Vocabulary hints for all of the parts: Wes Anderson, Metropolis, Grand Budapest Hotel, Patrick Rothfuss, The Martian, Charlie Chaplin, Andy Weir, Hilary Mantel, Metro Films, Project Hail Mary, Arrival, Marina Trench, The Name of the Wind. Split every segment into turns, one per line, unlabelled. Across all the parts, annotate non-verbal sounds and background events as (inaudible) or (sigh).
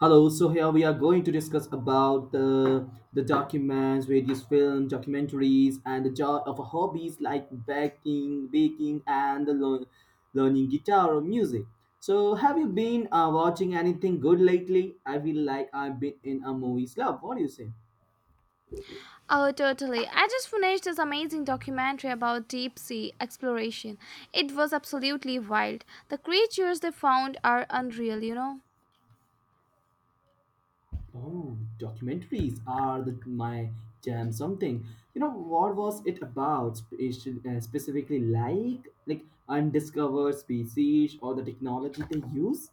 Hello, so here we are going to discuss about the documents, various film, documentaries, and the joy of hobbies like baking, and the learning guitar or music. So, have you been watching anything good lately? I feel like I've been in a movie slump. What do you say?
Oh, totally. I just finished this amazing documentary about deep sea exploration. It was absolutely wild. The creatures they found are unreal, you know.
Oh, documentaries are the, my jam. Something you know. What was it about? Specifically, like undiscovered species or the technology they use.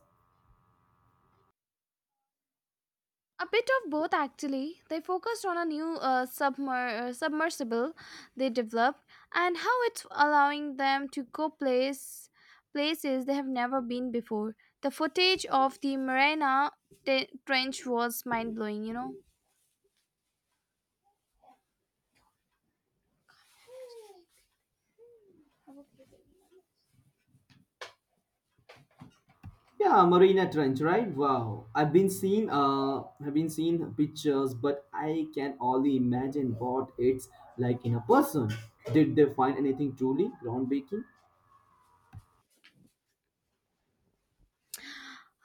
A bit of both, actually. They focused on a new submersible they developed and how it's allowing them to go places they have never been before. The footage of the Marina Trench was mind blowing, you know.
Yeah, Marina Trench, right? Wow, I've been seen pictures, but I can only imagine what it's like in a person. Did they find anything truly groundbreaking?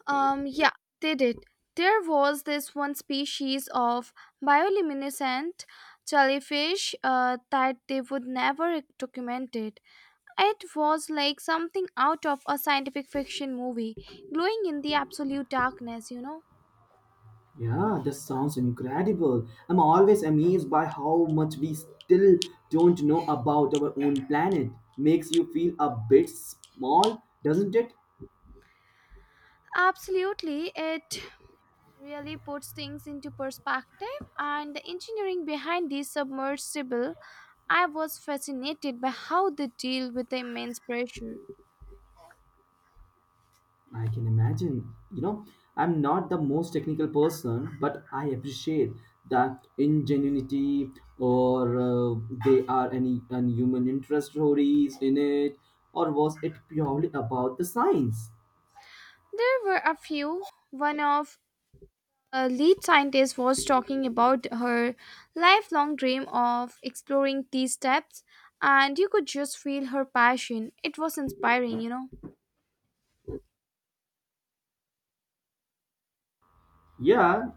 Yeah, they did. There was this one species of bioluminescent jellyfish that they would never document it. It was like something out of a scientific fiction movie, glowing in the absolute darkness, you know?
Yeah, that sounds incredible. I'm always amazed by how much we still don't know about our own planet. Makes you feel a bit small, doesn't it?
Absolutely, it really puts things into perspective, and the engineering behind this submersible, I was fascinated by how they deal with the immense pressure.
I can imagine. You know, I'm not the most technical person, but I appreciate the ingenuity or they are any and human interest stories in it, or was it purely about the science?
There were a few. One of a lead scientist was talking about her lifelong dream of exploring these steps, and you could just feel her passion. It was inspiring, you know.
Yeah,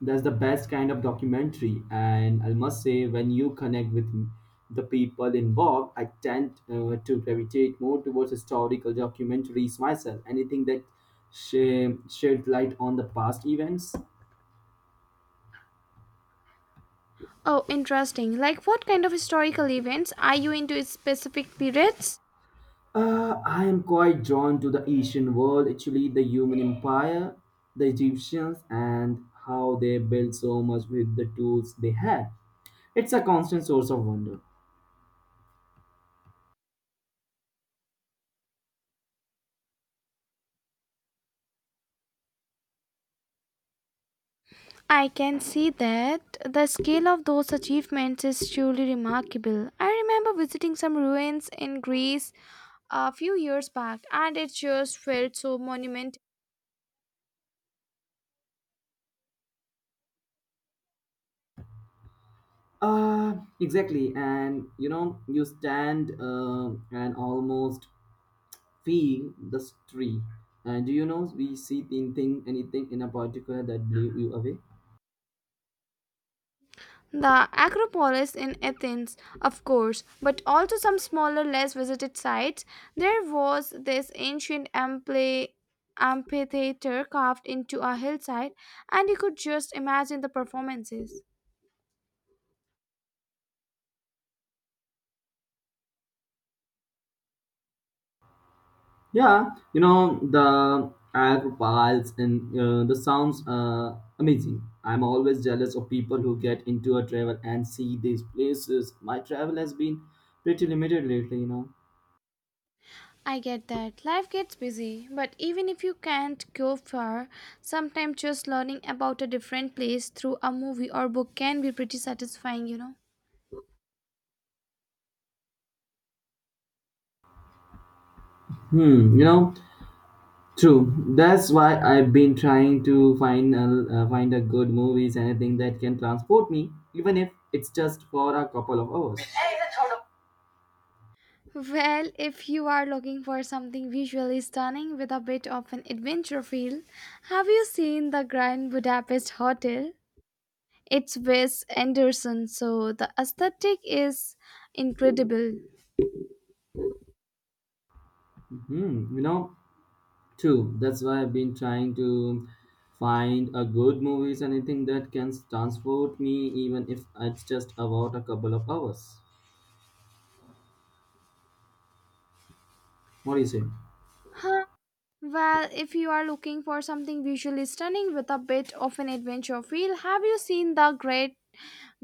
that's the best kind of documentary, and I must say when you connect with the people involved, I tend to gravitate more towards historical documentaries myself, anything that shed light on the past events.
Oh, interesting. Like, what kind of historical events are you into specific periods?
I am quite drawn to the Asian world, actually the human empire, the Egyptians, and how they built so much with the tools they had. It's a constant source of wonder.
I can see that the scale of those achievements is truly remarkable. I remember visiting some ruins in Greece a few years back, and it just felt so monumental.
Exactly. And you know, you stand and almost feel the street. And do you know we see anything, anything in a particular that blew you away?
The Acropolis in Athens, of course, but also some smaller, less visited sites. There was this ancient amphitheater carved into a hillside, and you could just imagine the performances.
Yeah, you know the Alp Pals and the sounds amazing. I'm always jealous of people who get into a travel and see these places. My travel has been pretty limited lately, you know.
I get that. Life gets busy, but even if you can't go far, sometimes just learning about a different place through a movie or book can be pretty satisfying, you know.
Hmm, you know, true. That's why I've been trying to find a good movies, anything that can transport me, even if it's just for a couple of hours.
Well, if you are looking for something visually stunning with a bit of an adventure feel, have you seen the Grand Budapest Hotel? It's Wes Anderson, so the aesthetic is incredible.
Hmm, you know, true. That's why I've been trying to find a good movies, anything that can transport me, even if it's just about a couple of hours. What do you say?
Huh? Well, if you are looking for something visually stunning with a bit of an adventure feel, have you seen the Great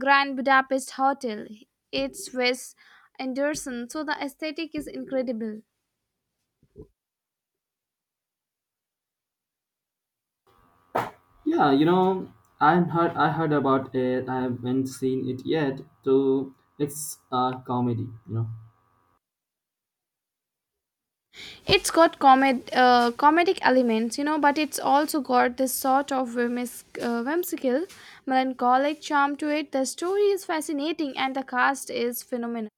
Grand Budapest Hotel? It's Wes Anderson, so the aesthetic is incredible.
Yeah, you know, I heard about it. I haven't seen it yet. So it's a comedy, you know.
It's got comedic elements, you know, but it's also got this sort of whimsical, melancholic charm to it. The story is fascinating and the cast is phenomenal.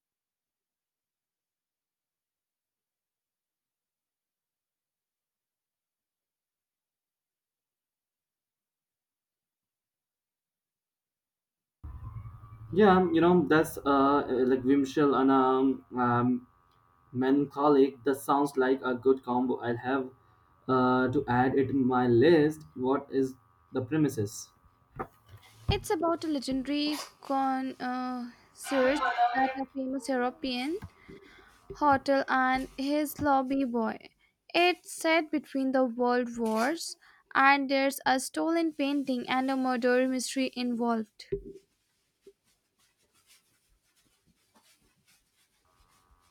Yeah, you know, that's like Vimshel and melancholic. That sounds like a good combo. I'll have to add it to my list. What is the premises?
It's about a legendary con search at a famous European hotel and his lobby boy. It's set between the world wars, and there's a stolen painting and a murder mystery involved.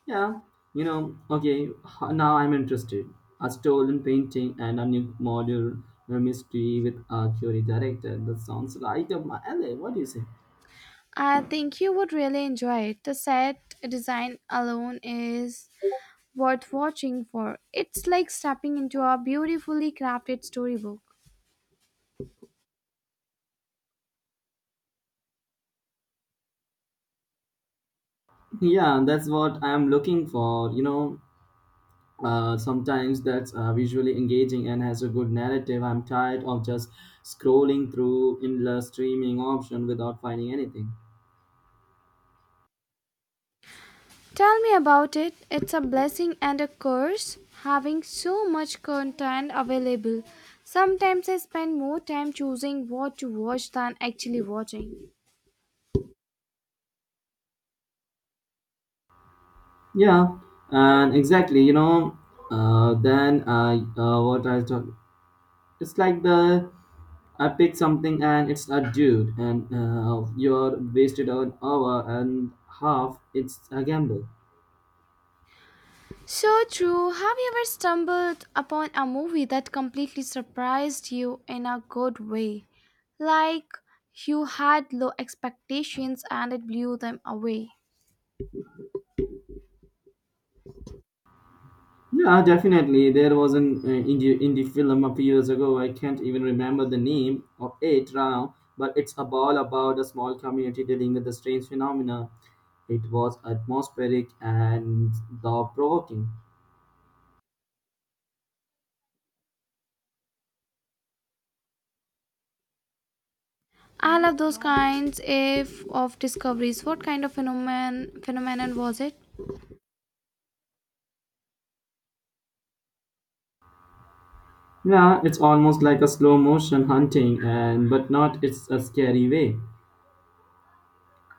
Yeah, you know, okay, now I'm interested. A stolen painting and a new module mystery with a Curie director. That sounds right up my alley. What do you say? (laughs)
I think you would really enjoy it. The set design alone is worth watching for. It's like stepping into a beautifully crafted storybook.
Yeah, that's what I'm looking for. You know, sometimes that's visually engaging and has a good narrative. I'm tired of just scrolling through endless streaming option without finding anything.
Tell me about it. It's a blessing and a curse having so much content available. Sometimes I spend more time choosing what to watch than actually watching.
Yeah, and exactly, you know, then what I talk, it's like the I pick something and it's a dude, and you're wasted an hour and half. It's a gamble.
So true. Have you ever stumbled upon a movie that completely surprised you in a good way? Like you had low expectations and it blew them away.
Yeah, definitely. There was an indie film a few years ago. I can't even remember the name of it now, but it's a ball about a small community dealing with a strange phenomena. It was atmospheric and thought provoking.
I love those kinds if of discoveries. What kind of phenomenon was it?
Yeah, it's almost like a slow motion hunting, and but not it's a scary way.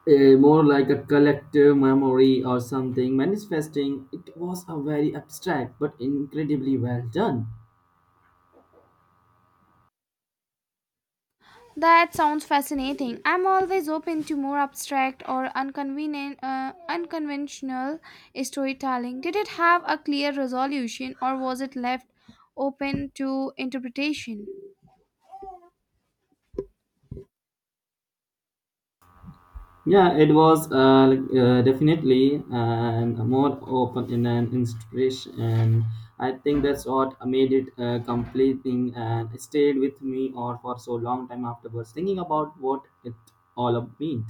More like a collective memory or something manifesting. It was a very abstract but incredibly well done.
That sounds fascinating. I'm always open to more abstract or unconventional storytelling. Did it have a clear resolution or was it left open to interpretation?
Yeah, it was definitely and more open in an inspiration, and I think that's what made it completing and stayed with me or for so long time afterwards, thinking about what it all up meant.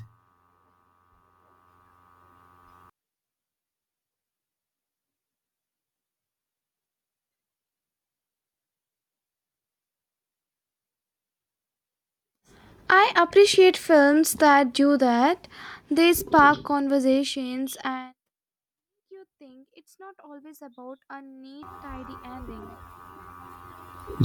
I appreciate films that do that. They spark conversations and you think it's not always about a neat, tidy ending.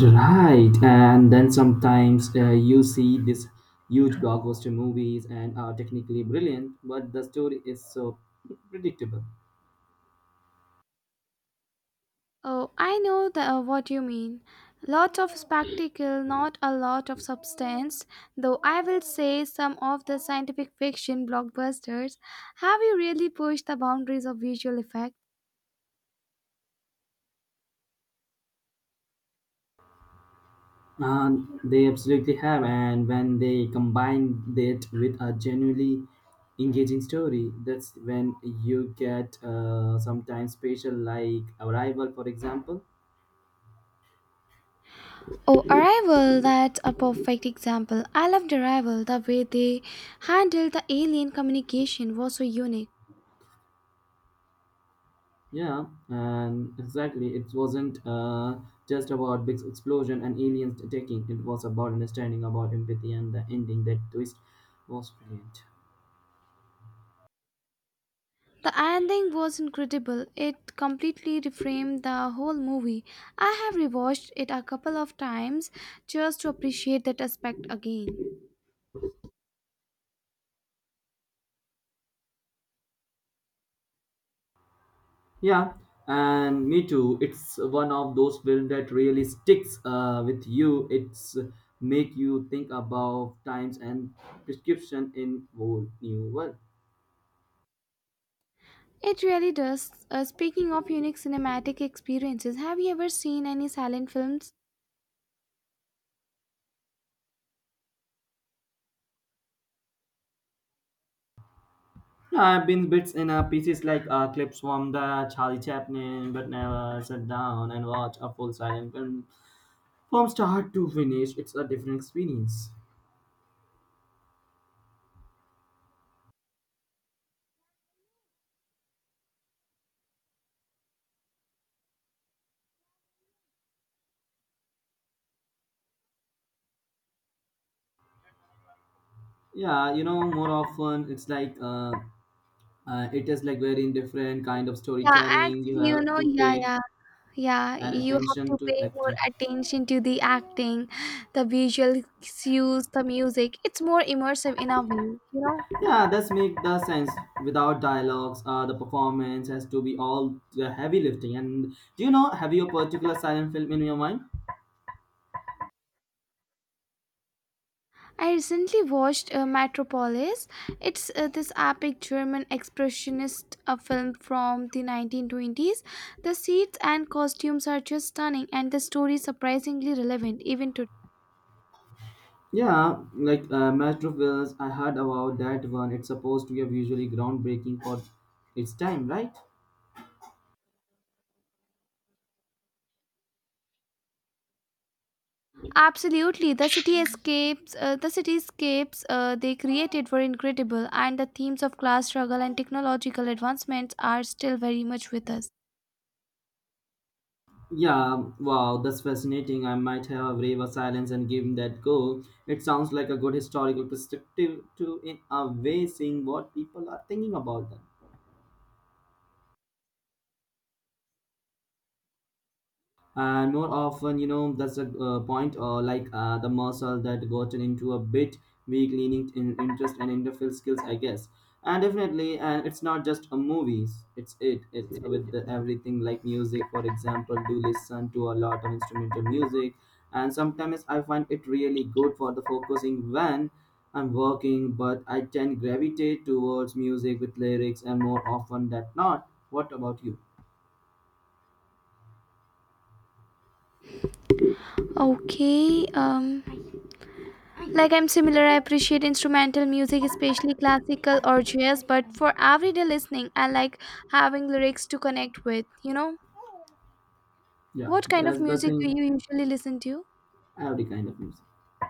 Right, and then sometimes you see this huge blockbuster movies and are technically brilliant, but the story is so predictable.
Oh, I know what you mean. Lots of spectacle, not a lot of substance. Though I will say some of the scientific fiction blockbusters have you really pushed the boundaries of visual effect.
Uh, they absolutely have, and when they combine that with a genuinely engaging story, that's when you get sometimes special, like Arrival, for example.
Oh, Arrival, that's a perfect example. I loved Arrival. The way they handled the alien communication was so unique.
Yeah, and exactly, it wasn't just about big explosion and aliens attacking. It was about understanding, about empathy, and the ending. That twist was brilliant.
The ending was incredible. It completely reframed the whole movie. I have rewatched it a couple of times just to appreciate that aspect again.
Yeah, and me too. It's one of those films that really sticks with you. It's make you think about times and prescription in whole new world.
It really does. Speaking of unique cinematic experiences, have you ever seen any silent films?
Yeah, I've been bits in pieces like clips from the Charlie Chaplin, but never sat down and watch a full silent film from start to finish. It's a different experience. Yeah, you know, more often it's like it is like very different kind of
Yeah,
storytelling. You
actually, you
have
know,
to
yeah,
pay
yeah, yeah.
and
You have
attention
to
to
pay more
acting.
attention to the acting, the visual cues, the music. It's more immersive in a way, you know.
Yeah, that's make the sense. Without dialogues, the performance has to be all the heavy lifting. And do you know, have you a particular silent film in your mind?
I recently watched Metropolis. It's this epic German expressionist film from the 1920s. The sets and costumes are just stunning, and the story surprisingly relevant even today.
Yeah, like Metro Films, I heard about that one. It's supposed to be visually groundbreaking for its time, right?
Absolutely, the city escapes. The cityscapes they created were incredible, and the themes of class struggle and technological advancements are still very much with us.
Yeah, wow, that's fascinating. I might have a brave silence and give him that go. It sounds like a good historical perspective to, in a way, seeing what people are thinking about them. And more often, you know, that's a point or like the muscle that gotten into a bit weak leaning in interest and interface skills, I guess. And definitely, and it's not just a movies, it's with the everything, like music, for example. Do listen to a lot of instrumental music, and sometimes I find it really good for the focusing when I'm working, but I tend gravitate towards music with lyrics and more often than not. What about you?
Okay. Like I'm similar, I appreciate instrumental music, especially classical or jazz, but for everyday listening, I like having lyrics to connect with. You know,
Yeah,
what kind of
that's the
music do
thing.
you usually listen to?
Every kind of music.